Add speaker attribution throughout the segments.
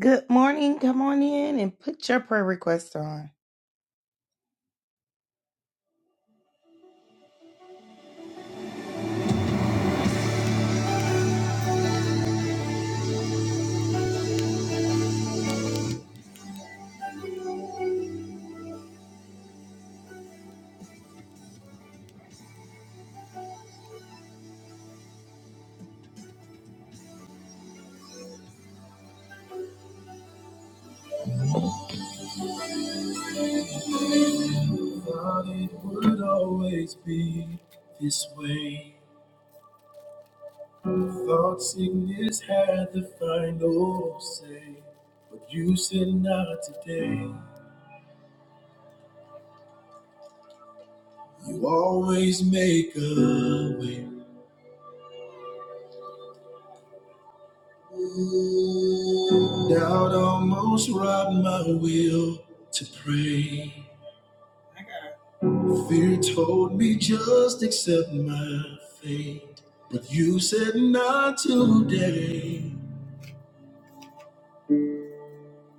Speaker 1: Good morning. Come on in and put your prayer request on. Thought it would always be this way. Thought sickness had the final say, but you said not today. You always make a way. Doubt almost robbed my will to pray. Fear told me just accept my fate, but you said not today.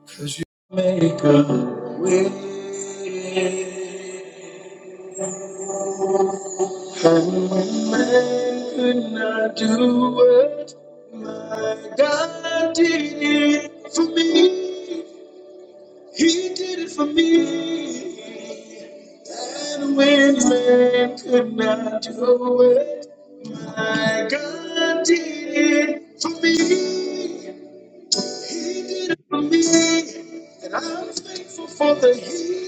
Speaker 1: Cause you make a and when man could not do what my God did for me. He did it for me. And when man could not do it, my God did it for me. He did it for me. I'm thankful for the heat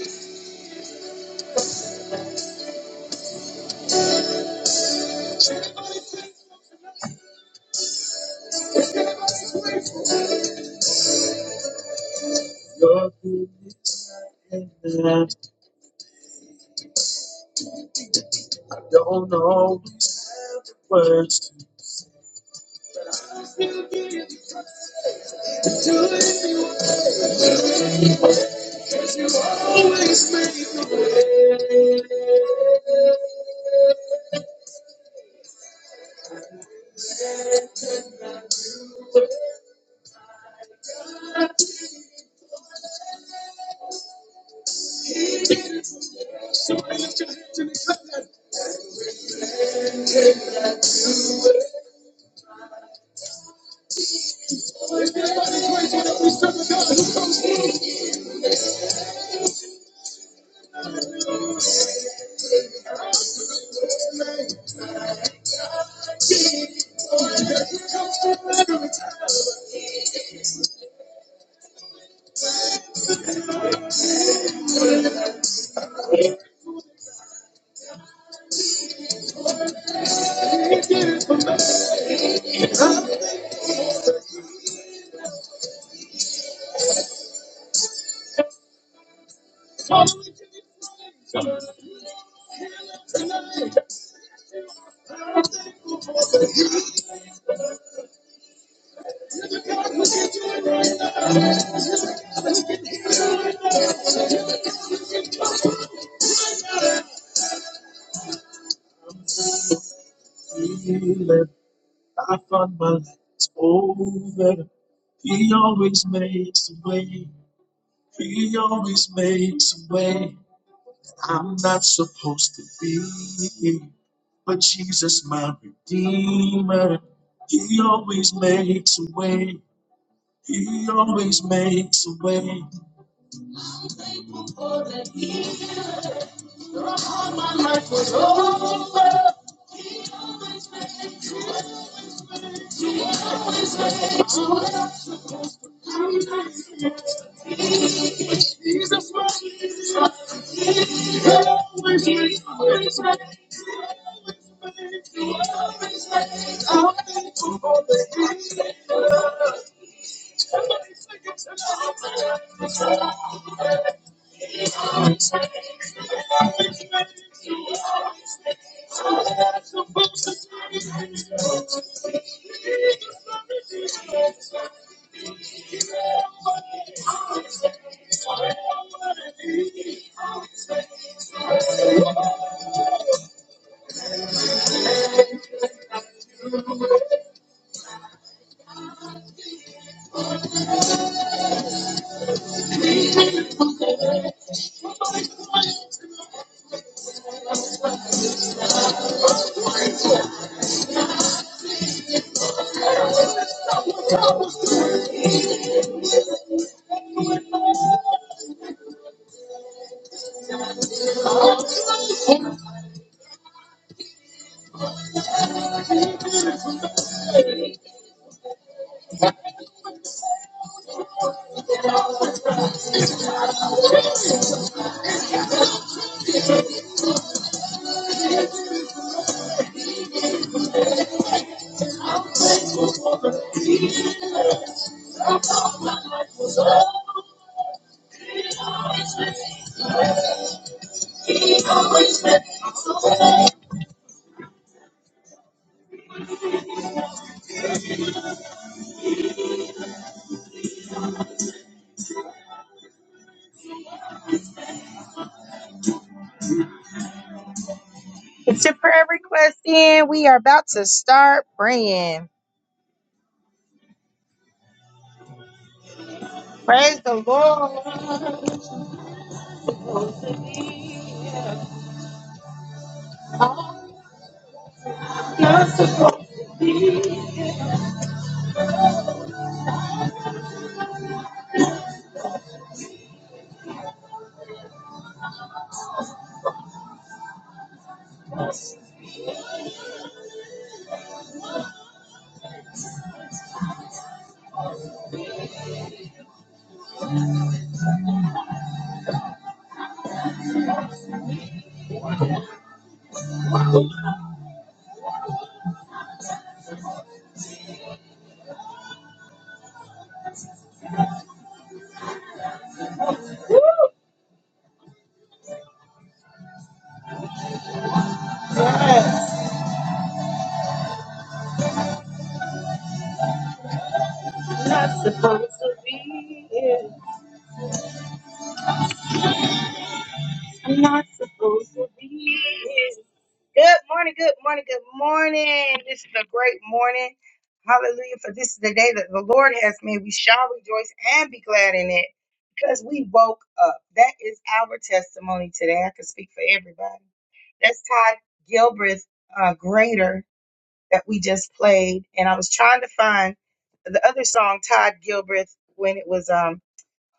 Speaker 1: to live. You always make a way. Put your hands in the air and praise whatever we serve a God who feeling I found my legs over. He always makes a way. He always makes a way. I'm not supposed to be here, but Jesus, my Redeemer, He always makes a way. He always makes a way. life was over. Jesus was always with always with Get your prayer request in. We are about to start praying. Praise the Lord. It's Supposed to be, it's supposed to be. Good morning, good morning, good morning. This is a great morning. Hallelujah. For this is the day that the Lord has made. We shall rejoice and be glad in it because we woke up. That is our testimony today. I can speak for everybody. That's Todd Gilbreth, uh, Greater, that we just played. And I was trying to find the other song, Todd Gilbreth, when it was um,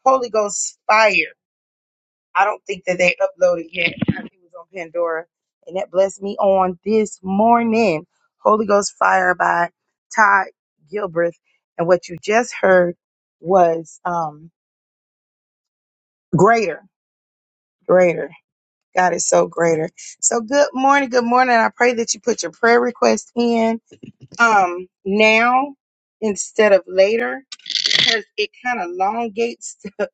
Speaker 1: Holy Ghost Fire. I don't think that they uploaded yet. I think it was on Pandora. And that blessed me on this morning. Holy Ghost Fire by Todd Gilbreth. And what you just heard was um greater, greater. God is so greater. So good morning, good morning. I pray that you put your prayer request in um now instead of later because it kind of elongates the,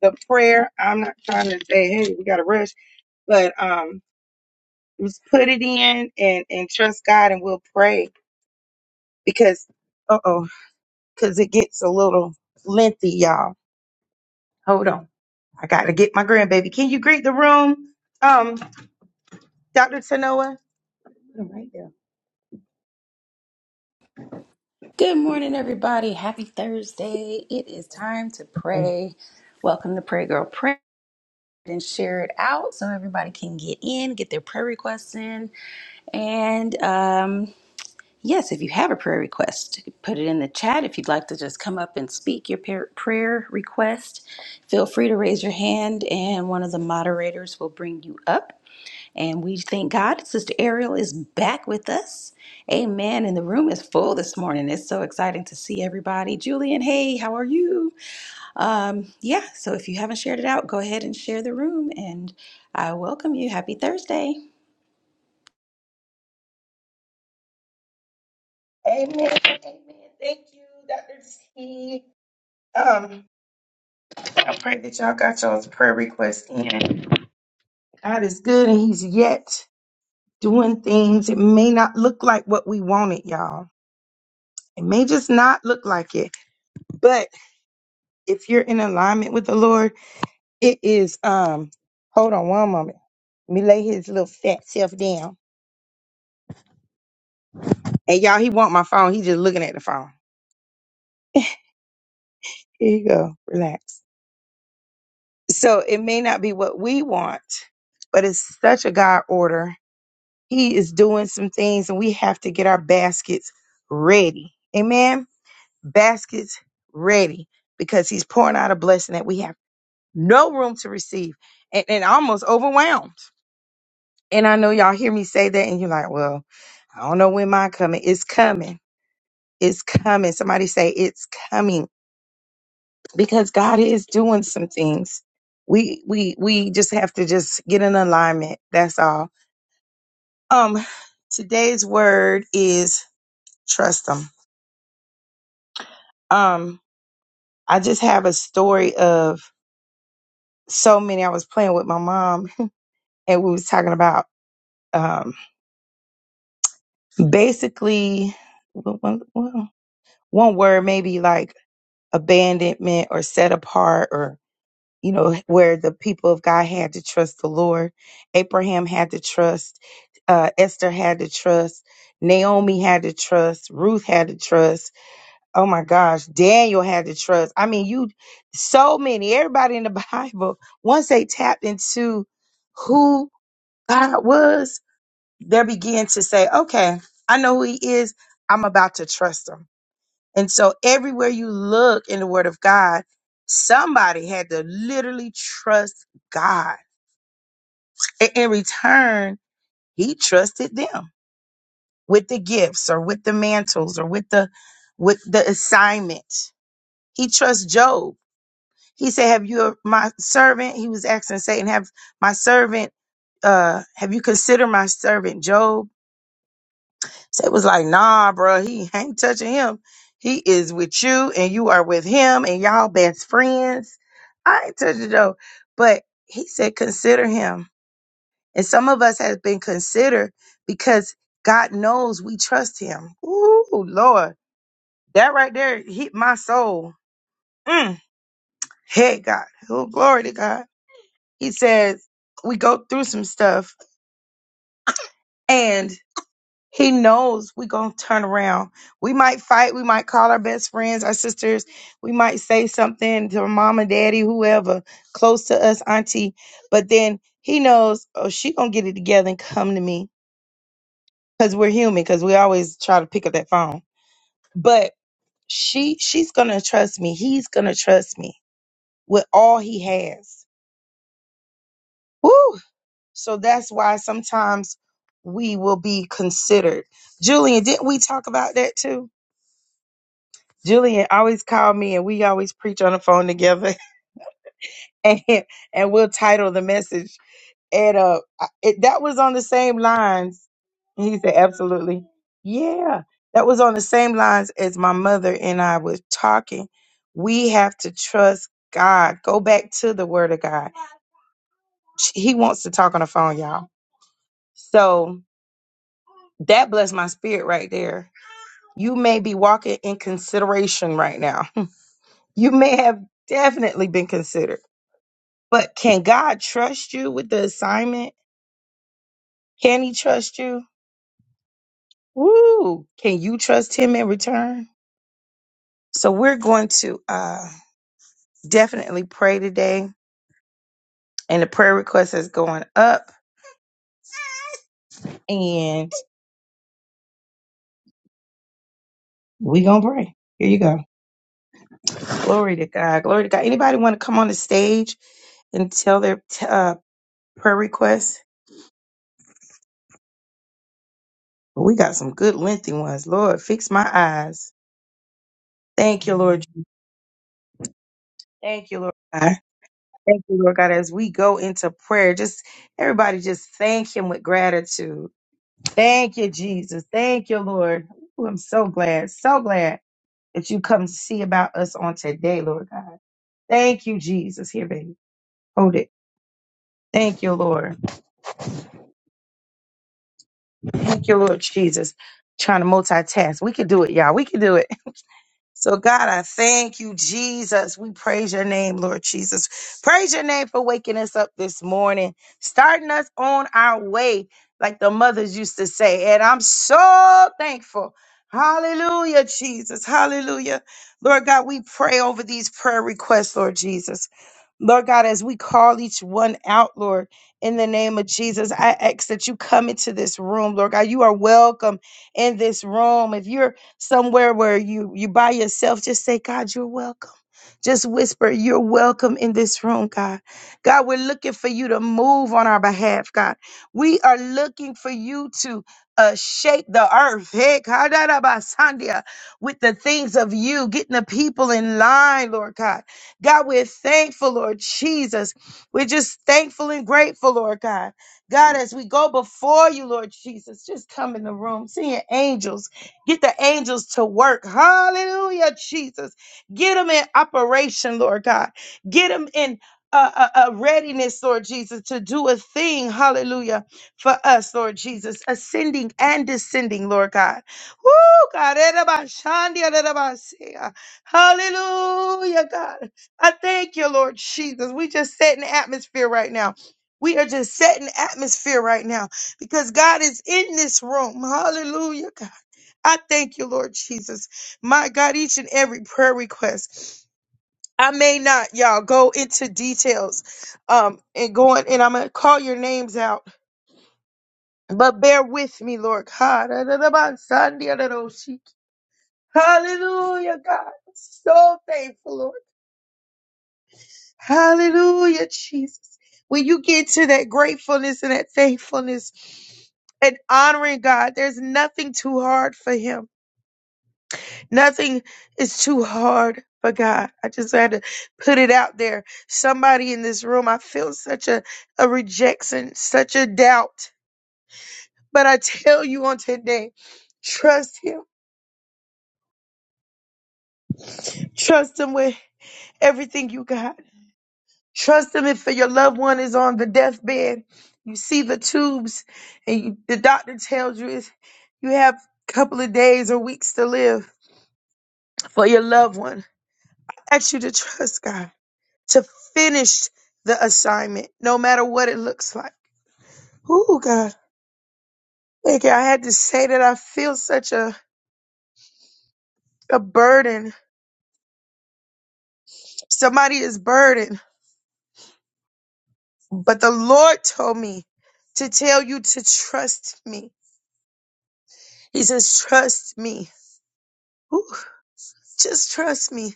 Speaker 1: the prayer. I'm not trying to say, hey, we got to rush, but um Just put it in and and trust God, and we'll pray because uh oh, because it gets a little lengthy, y'all. Hold on, I gotta get my grandbaby. Can you greet the room, um, Doctor Tanoa? Put him Right there.
Speaker 2: Good morning, everybody. Happy Thursday. It is time to
Speaker 1: Amen.
Speaker 2: pray. Welcome to Pray Girl Pray and share it out so everybody can get in, get their prayer requests in. And um, yes, if you have a prayer request, put it in the chat. If you'd like to just come up and speak your par- prayer request, feel free to raise your hand and one of the moderators will bring you up. And we thank God. Sister Ariel is back with us. Amen. And the room is full this morning. It's so exciting to see everybody. Julian, hey, how are you? Um, yeah, so if you haven't shared it out, go ahead and share the room. And I welcome you. Happy Thursday.
Speaker 1: Amen. Thank you, Dr. T. Um, I pray that y'all got y'all's prayer requests in. God is good and He's yet doing things. It may not look like what we wanted, y'all It may just not look like it, but if you're in alignment with the Lord, it is. Um, hold on one moment. Let me lay his little fat self down. And y'all, he want my phone. He just looking at the phone. Here you go. Relax. So it may not be what we want, but it's such a God order. He is doing some things, and we have to get our baskets ready. Amen. Baskets ready because He's pouring out a blessing that we have no room to receive and, and almost overwhelmed. And I know y'all hear me say that, and you're like, well, I don't know when mine coming. It's coming. It's coming. Somebody say it's coming because God is doing some things. We we we just have to just get in alignment. That's all. Um, today's word is trust them. Um, I just have a story of so many. I was playing with my mom, and we was talking about um basically one, one one word maybe like abandonment or set apart or you know where the people of god had to trust the lord abraham had to trust uh, esther had to trust naomi had to trust ruth had to trust oh my gosh daniel had to trust i mean you so many everybody in the bible once they tapped into who god was they began to say okay i know who he is i'm about to trust him and so everywhere you look in the word of God, somebody had to literally trust God. And in return, he trusted them with the gifts or with the mantles or with the with the assignment. He trusts Job. He said, Have you my servant? He was asking Satan, have my servant, uh, have you considered my servant Job? So it was like, nah, bro, he ain't touching him. He is with you and you are with him and y'all best friends. I ain't touching though. But he said, consider him. And some of us has been considered because God knows we trust him. Ooh, Lord. That right there hit my soul. Mm. Hey, God. Oh, glory to God. He says, we go through some stuff He knows we're going to turn around. We might fight. We might call our best friends, our sisters. We might say something to our mom and daddy, whoever close to us, auntie. But then he knows, oh, she going to get it together and come to me because we're human, because we always try to pick up that phone. But she, she's going to trust me. He's going to trust me with all he has. Woo! So that's why sometimes we will be considered. Julian, didn't we talk about that too? Julian always called me and we always preach on the phone together and and we'll title the message. And uh I- it, that was on the same lines. And he said, Absolutely. Yeah. That was on the same lines as my mother and I was talking. We have to trust God. Go back to the word of God. He wants to talk on the phone, y'all. So that blessed my spirit right there. You may be walking in consideration right now. You may have definitely been considered But can God trust you with the assignment? Can He trust you? Woo! Can you trust Him in return? So we're going to uh, definitely pray today, and the prayer request is going up, and we gonna pray. Here you go. Glory to God. Glory to God. Anybody want to come on the stage and tell their t- uh, prayer request? We got some good lengthy ones. Lord, fix my eyes. Thank you, Lord. Thank you, Lord. Thank you, Lord God, as we go into prayer. Just everybody just thank him with gratitude. Thank you, Jesus. Thank you, Lord. Ooh, I'm so glad, so glad that you come to see about us on today, Lord God. Thank you, Jesus. Here, baby. Hold it. Thank you, Lord. Thank you, Lord Jesus. Trying to multitask. We can do it, y'all. We can do it. So, God, I thank you, Jesus. We praise your name, Lord Jesus. Praise your name for waking us up this morning, starting us on our way, like the mothers used to say. And I'm so thankful. Hallelujah, Jesus. Hallelujah. Lord God, we pray over these prayer requests, Lord Jesus. Lord God, as we call each one out, Lord, in the name of Jesus, I ask that you come into this room, Lord God. You are welcome in this room. If you're somewhere where you you by yourself, just say, God, you're welcome. Just whisper, you're welcome in this room, God. God, we're looking for you to move on our behalf, God. We are looking for you to uh, shake the earth, hey, kadarabasandia, with the things of you, getting the people in line, Lord God. God, we're thankful, Lord Jesus. We're just thankful and grateful, Lord God. God, as we go before you, Lord Jesus, just come in the room. Send your angels. Get the angels to work. Hallelujah, Jesus. Get them in operation, Lord God. Get them in a, a a readiness, Lord Jesus, to do a thing, hallelujah, for us, Lord Jesus, ascending and descending, Lord God. Woo, God. Hallelujah, God. I thank you, Lord Jesus. We just setting the atmosphere right now. We are just setting atmosphere right now because God is in this room. Hallelujah, God. I thank you, Lord Jesus. My God, each and every prayer request. I may not, y'all, go into details um, and going, and I'm going to call your names out, but bear with me, Lord God. Hallelujah, God. So thankful, Lord. Hallelujah, Jesus. When you get to that gratefulness and that thankfulness and honoring God, there's nothing too hard for Him. Nothing is too hard for God. I just had to put it out there. Somebody in this room, I feel such a, a rejection, such a doubt. But I tell you on today, trust Him. Trust Him with everything you got Trust him if your loved one is on the deathbed. You see the tubes, and you, the doctor tells you is you have a couple of days or weeks to live for your loved one. I ask you to trust God to finish the assignment, no matter what it looks like. Ooh, God. Thank you. I had to say that I feel such a, a burden. Somebody is burdened, but the Lord told me to tell you to trust me. He says, trust me. Ooh, just trust me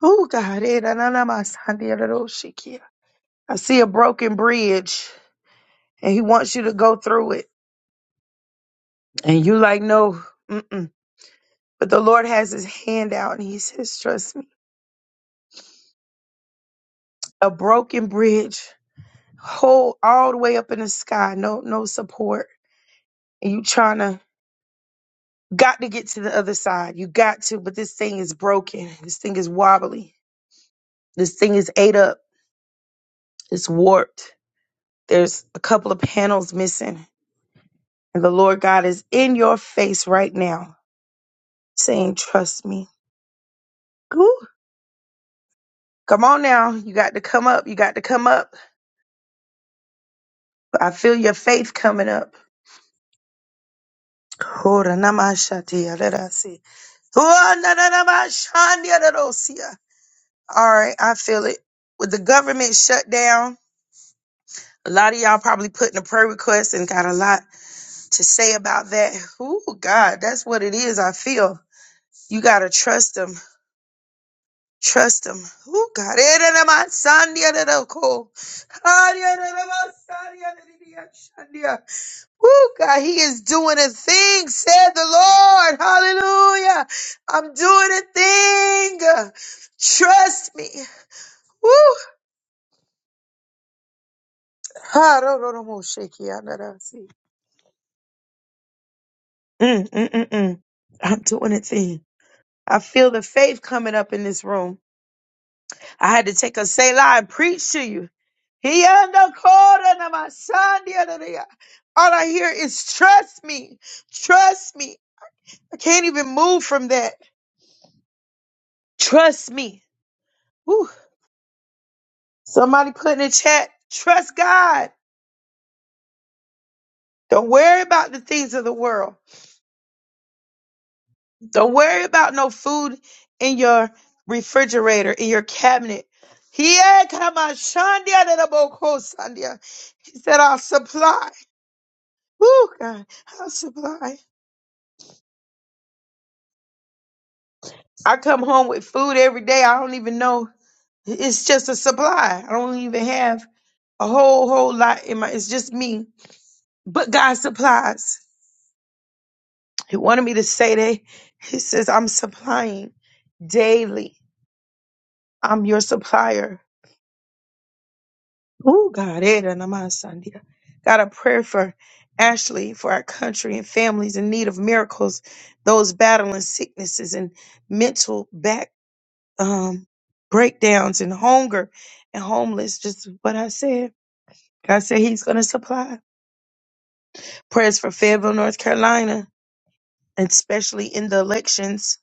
Speaker 1: Oh God, eh, na- na- na- ma- sa- di- da- do- shi- ki- I see a broken bridge, and He wants you to go through it, and you like no. Mm-mm. But the Lord has His hand out, and He says, "Trust me." A broken bridge, whole all the way up in the sky, no no support, and you trying to got to get to the other side. You got to, but this thing is broken. This thing is wobbly. This thing is ate up. It's warped. There's a couple of panels missing, and the Lord God is in your face right now saying, Trust me. Ooh, come on now. You got to come up. You got to come up. I feel your faith coming up. Ora namashatia, let us see. Ora nanamashandia, let us see. All right, I feel it. With the government shut down, a lot of y'all probably putting a prayer request and got a lot to say about that. Ooh, God, that's what it is. I feel you got to trust Him. Trust him. Who got it in my sandia de loco? Who God, he is doing a thing, said the Lord. Hallelujah. I'm doing a thing. Trust me. Woo. Ha, ro, ro, ro, mo, shaky, ah, na, na, see. Mm, mm, mm, mm. I'm doing a thing. I feel the faith coming up in this room. I had to take a Selah and preach to you. He under undercoated my son the other day. All I hear is trust me. Trust me. I can't even move from that. Trust me. Whew. Somebody put in the chat, trust God. Don't worry about the things of the world. Don't worry about no food in your refrigerator, in your cabinet. He had come on Shandia to the Boko Sandia. He said, I'll supply. Woo, God, I'll supply. I come home with food every day. I don't even know. It's just a supply. I don't even have a whole whole lot in my. It's just me. But God supplies. He wanted me to say that. He says, "I'm supplying daily. I'm your supplier." Oh God, eh, da na ma sandia. got a prayer for Ashley, for our country and families in need of miracles, those battling sicknesses and mental back. um, breakdowns and hunger and homeless. Just what I said. God said He's going to supply. Prayers for Fayetteville, North Carolina, and especially in the elections.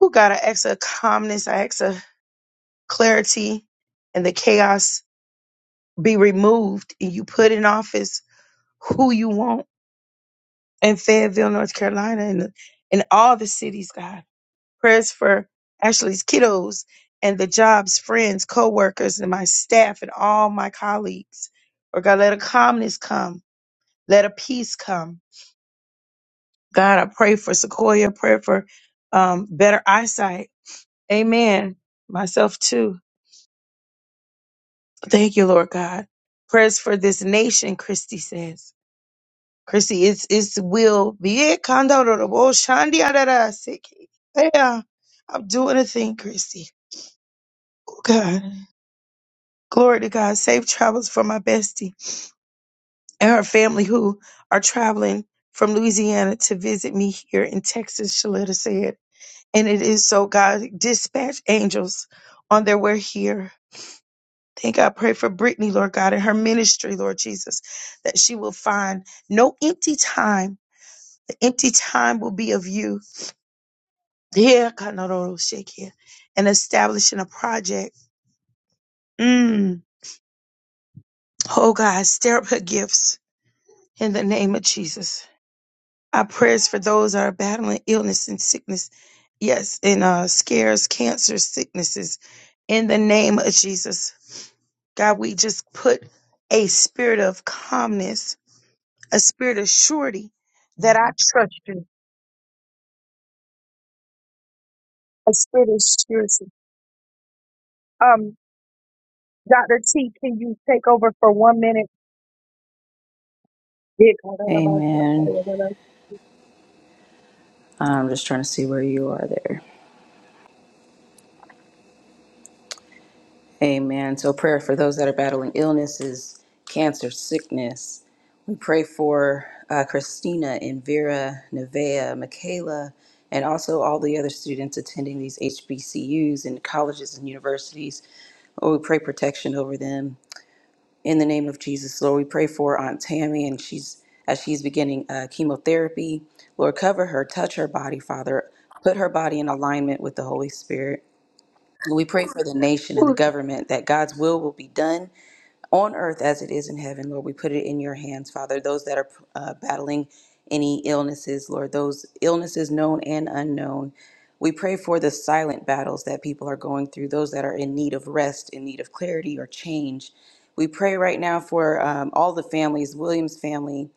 Speaker 1: Who God, I ask a calmness, I ask a clarity, and the chaos be removed. And you put in office who you want in Fayetteville, North Carolina, and in all the cities, God. Prayers for Ashley's kiddos and the jobs, friends, co-workers, and my staff and all my colleagues. Or God, let a calmness come. Let a peace come. God, I pray for Sequoia. Pray for um, better eyesight. Amen. Myself too. Thank you, Lord God. Prayers for this nation, Christy says. Christy, it's it's will be it. Kando do do bo shandi adada seki. Yeah, I'm doing a thing, Christy. Oh God. Glory to God. Safe travels for my bestie and her family who are traveling from Louisiana to visit me here in Texas, Shalita said. And it is so, God, dispatch angels on their way here. Thank God. Pray for Brittany, Lord God, and her ministry, Lord Jesus, that she will find no empty time. The empty time will be of you. Yeah, God, no, no, no, shake here. And establishing a project. Mm. Oh, God, stir up her gifts in the name of Jesus. Our prayers for those that are battling illness and sickness. Yes, and uh, scares, cancer, sicknesses. In the name of Jesus, God, we just put a spirit of calmness, a spirit of surety that I trust you, a spirit of surety. Um, Dr. T, can you take over for one minute?
Speaker 2: Amen. I'm just trying to see where you are there. Amen. So, prayer for those that are battling illnesses, cancer, sickness. We pray for uh, Christina and Vera, Nevaeh, Michaela, and also all the other students attending these HBCUs and colleges and universities. Oh, we pray protection over them in the name of Jesus, Lord. We pray for Aunt Tammy, and she's as she's beginning uh, chemotherapy. Lord, cover her, touch her body, Father. Put her body in alignment with the Holy Spirit. We pray for the nation and the government that God's will will be done on earth as it is in heaven. Lord, we put it in your hands, Father. Those that are uh, battling any illnesses, Lord, those illnesses known and unknown. We pray for the silent battles that people are going through, those that are in need of rest, in need of clarity or change. We pray right now for um, all the families, Williams' family,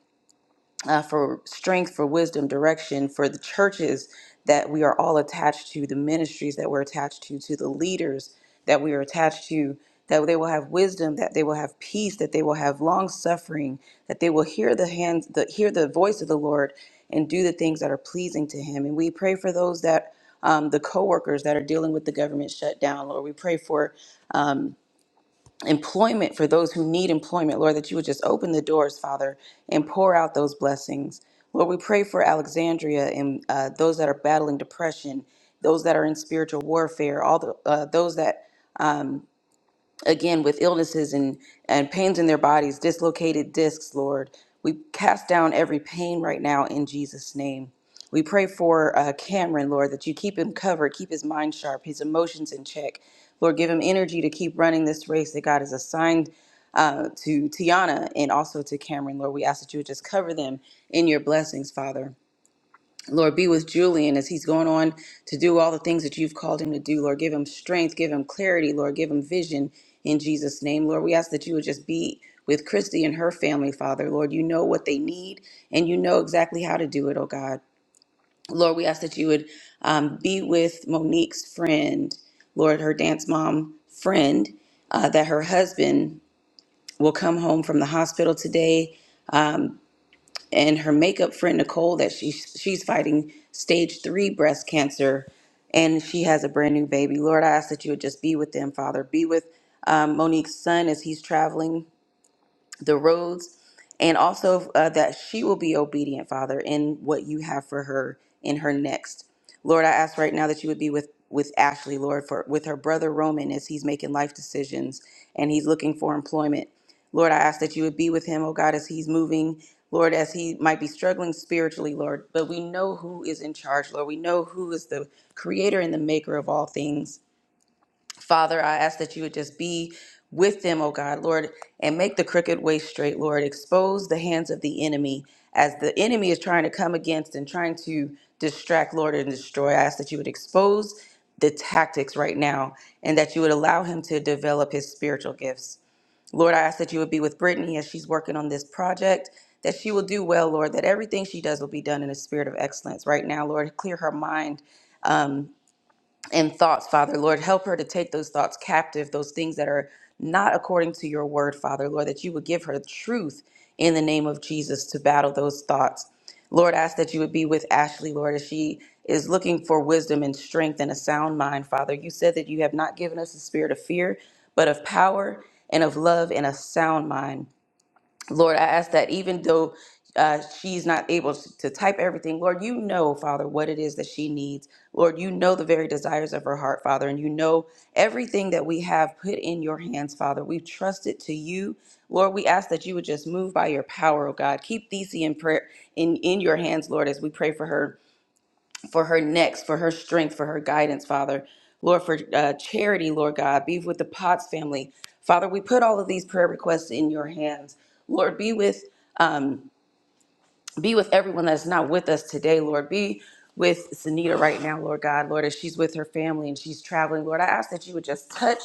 Speaker 2: uh, for strength, for wisdom, direction, for the churches that we are all attached to, the ministries that we're attached to, to the leaders that we are attached to, that they will have wisdom, that they will have peace, that they will have long suffering, that they will hear the hands, the, hear the voice of the Lord, and do the things that are pleasing to Him. And we pray for those that um, the co-workers that are dealing with the government shutdown, Lord. We pray for employment for those who need employment, Lord, that you would just open the doors, Father, and pour out those blessings. Lord, we pray for Alexandria and uh, those that are battling depression, those that are in spiritual warfare, all the uh, those that again with illnesses and, and pains in their bodies, dislocated discs, Lord. We cast down every pain right now in Jesus' name. We pray for uh, Cameron, Lord, that you keep him covered, keep his mind sharp, his emotions in check. Lord, give him energy to keep running this race that God has assigned uh, to Tiana and also to Cameron. Lord, we ask that you would just cover them in your blessings, Father. Lord, be with Julian as he's going on to do all the things that you've called him to do. Lord, give him strength, give him clarity, Lord, give him vision in Jesus' name. Lord, we ask that you would just be with Christy and her family, Father. Lord, you know what they need and you know exactly how to do it, oh God. Lord, we ask that you would um, be with Monique's friend, Lord, her dance mom friend, uh, that her husband will come home from the hospital today and her makeup friend Nicole that she's she's fighting stage three breast cancer, and she has a brand new baby. Lord, I ask that you would just be with them, Father. Be with um, Monique's son as he's traveling the roads, and also uh, that she will be obedient, Father, in what you have for her in her next. Lord, I ask right now that you would be with with Ashley, Lord, for with her brother Roman as he's making life decisions and he's looking for employment. Lord, I ask that you would be with him, oh God, as he's moving. Lord, as he might be struggling spiritually, Lord, but we know who is in charge, Lord. We know who is the creator and the maker of all things. Father, I ask that you would just be with them, oh God, Lord, and make the crooked way straight, Lord. Expose the hands of the enemy as the enemy is trying to come against and trying to distract, Lord, and destroy. I ask that you would expose the tactics right now and that you would allow him to develop his spiritual gifts. Lord, I ask that you would be with Brittany as she's working on this project, that she will do well, Lord, that everything she does will be done in a spirit of excellence. Right now, Lord, clear her mind and thoughts, Father. Lord, help her to take those thoughts captive, those things that are not according to your word, Father. Lord, that you would give her truth in the name of Jesus to battle those thoughts. Lord, I ask that you would be with Ashley, Lord, as she is looking for wisdom and strength and a sound mind, Father. You said that you have not given us a spirit of fear, but of power and of love and a sound mind. Lord, I ask that even though uh, she's not able to type everything, Lord, you know, Father, what it is that she needs. Lord, you know the very desires of her heart, Father, and you know everything that we have put in your hands, Father. We've trusted to you. Lord, we ask that you would just move by your power, oh God. Keep Thesey in prayer in, in your hands, Lord, as we pray for her for her next, for her strength, for her guidance, Father. Lord, for uh, charity, Lord God, be with the Potts family. Father, we put all of these prayer requests in your hands. Lord, be with. Um, be with everyone that's not with us today, Lord. Be with Sunita right now, Lord God, Lord, as she's with her family and she's traveling, Lord. I ask that you would just touch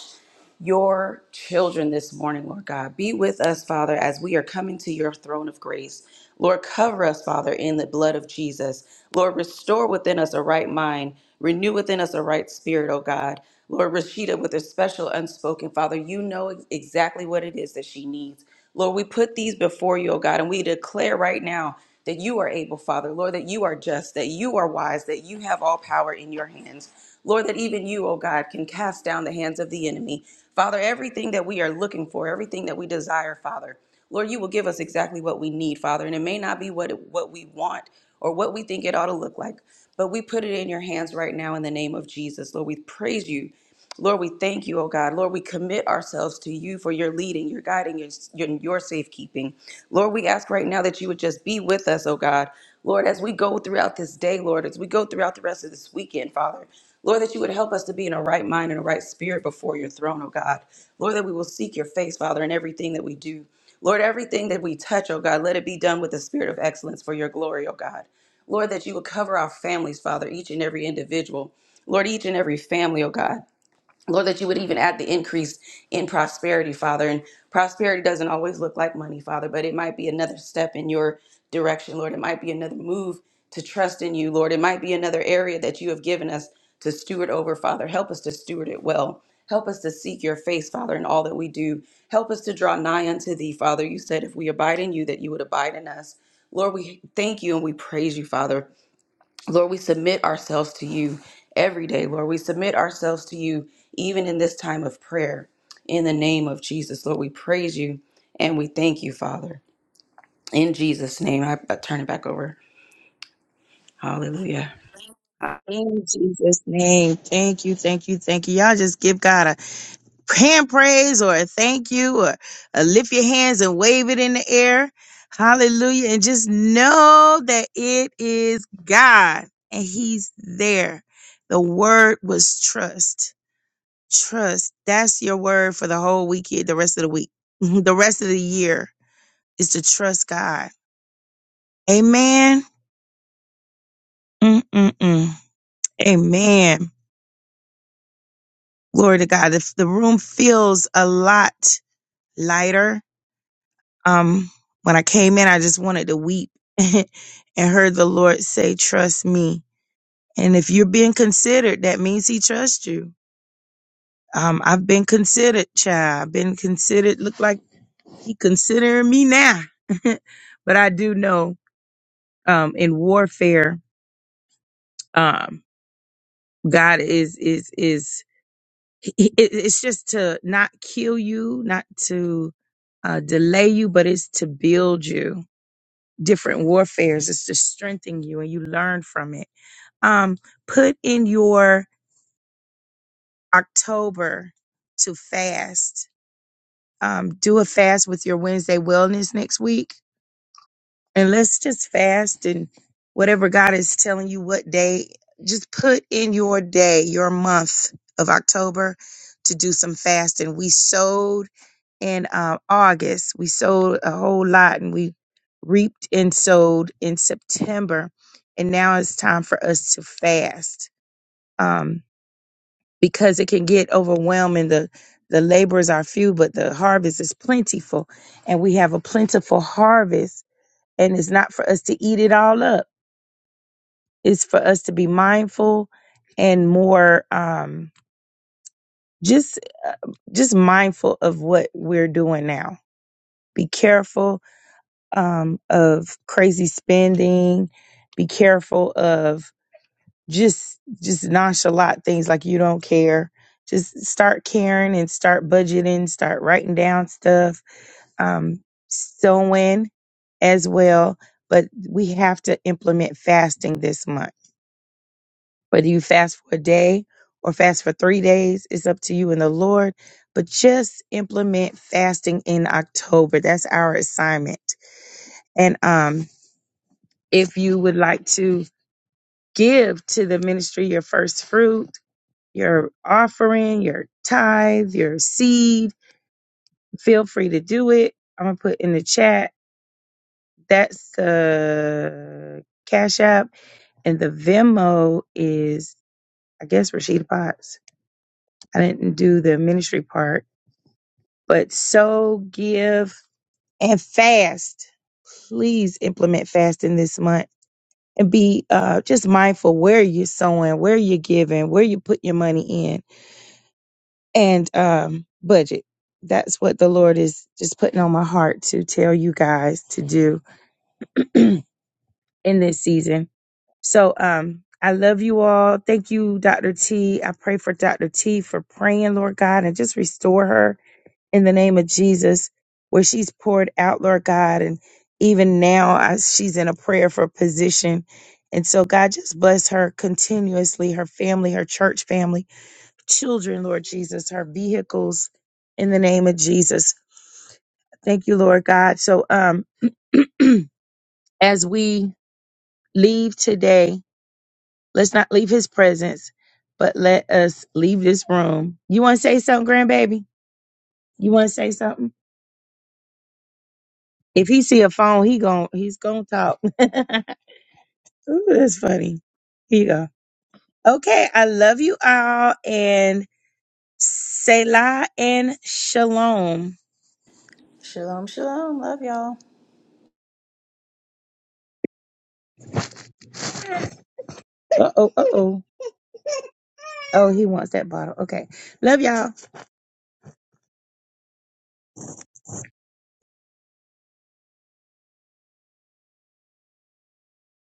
Speaker 2: your children this morning, Lord God. Be with us, Father, as we are coming to your throne of grace. Lord, cover us, Father, in the blood of Jesus. Lord, restore within us a right mind. Renew within us a right spirit, O God. Lord, Rashida, with a special unspoken, Father, you know ex- exactly what it is that she needs. Lord, we put these before you, O God, and we declare right now that you are able, Father, Lord, that you are just, that you are wise, that you have all power in your hands. Lord, that even you, oh God, can cast down the hands of the enemy. Father, everything that we are looking for, everything that we desire, Father, Lord, you will give us exactly what we need, Father, and it may not be what what we want or what we think it ought to look like, but we put it in your hands right now in the name of Jesus. Lord, we praise you Lord, we thank you, oh God. Lord, we commit ourselves to you for your leading, your guiding, your, your, your safekeeping. Lord, we ask right now that you would just be with us, oh God. Lord, as we go throughout this day, Lord, as we go throughout the rest of this weekend, Father, Lord, that you would help us to be in a right mind and a right spirit before your throne, oh God. Lord, that we will seek your face, Father, in everything that we do. Lord, everything that we touch, oh God, let it be done with the spirit of excellence for your glory, oh God. Lord, that you would cover our families, Father, each and every individual. Lord, each and every family, oh God. Lord, that you would even add the increase in prosperity, Father. And prosperity doesn't always look like money, Father, but it might be another step in your direction, Lord. It might be another move to trust in you, Lord. It might be another area that you have given us to steward over, Father. Help us to steward it well. Help us to seek your face, Father, in all that we do. Help us to draw nigh unto thee, Father. You said if we abide in you, that you would abide in us. Lord, we thank you and we praise you, Father. Lord, we submit ourselves to you every day. Lord, we submit ourselves to you even in this time of prayer. In the name of Jesus, Lord, we praise you and we thank you, Father. In Jesus' name, I, I turn it back over. Hallelujah.
Speaker 1: In Jesus' name. Thank you, thank you, thank you. Y'all just give God a hand praise or a thank you or uh, lift your hands and wave it in the air. Hallelujah. And just know that it is God and He's there. The word was trust. Trust. That's your word for the whole week, here, the rest of the week, the rest of the year is to trust God. Amen. Mm-mm-mm. Amen. Glory to God. The, the room feels a lot lighter Um, when I came in, I just wanted to weep and heard the Lord say, trust me. And if you're being considered, that means he trusts you. Um, I've been considered, child. I've been considered, look like he considering me now. but I do know, um, in warfare, um, God is, is, is, he- he- it- it's just to not kill you, not to, uh, delay you, but it's to build you different warfares. It's to strengthen you and you learn from it. Um, put in your October to fast. Um, do a fast with your Wednesday wellness next week. And let's just fast and whatever God is telling you what day, just put in your day, your month of October to do some fasting. We sowed in um, August. We sowed a whole lot and we reaped and sowed in September. And now it's time for us to fast um, because it can get overwhelming. The, the laborers are few, but the harvest is plentiful. And we have a plentiful harvest. And it's not for us to eat it all up, it's for us to be mindful and more um, just uh, just mindful of what we're doing now. Be careful um, of crazy spending. Be careful of just just nonchalant things like you don't care. Just start caring and start budgeting. Start writing down stuff, um, sewing as well. But we have to implement fasting this month. Whether you fast for a day or fast for three days, it's up to you and the Lord. But just implement fasting in October. That's our assignment. And um, if you would like to give to the ministry your first fruit, your offering, your tithe, your seed, feel free to do it. I'm going to put in the chat. That's the Cash App. And the Venmo is, I guess, Rashida Potts. I didn't do the ministry part, but so give and fast. Please implement fasting this month and be uh, just mindful where you're sowing, where you're giving, where you put your money in, and um, budget. That's what the Lord is just putting on my heart to tell you guys to do in this season. So um, I love you all. Thank you, Dr. T. I pray for Dr. T for praying, Lord God, and just restore her in the name of Jesus, where she's poured out, Lord God. And even now, I, she's in a prayer for position. And so, God, just bless her continuously, her family, her church family, children, Lord Jesus, her vehicles, in the name of Jesus. Thank you, Lord God. So, um, as we leave today, let's not leave his presence, but let us leave this room. You want to say something, grandbaby? You want to say something? If he see a phone, he gon' he's gonna talk. Ooh, that's funny. Here you go. Okay, I love you all and Selah and Shalom.
Speaker 2: Shalom, shalom. Love y'all.
Speaker 1: Uh oh, uh oh. Oh, he wants that bottle. Okay. Love y'all.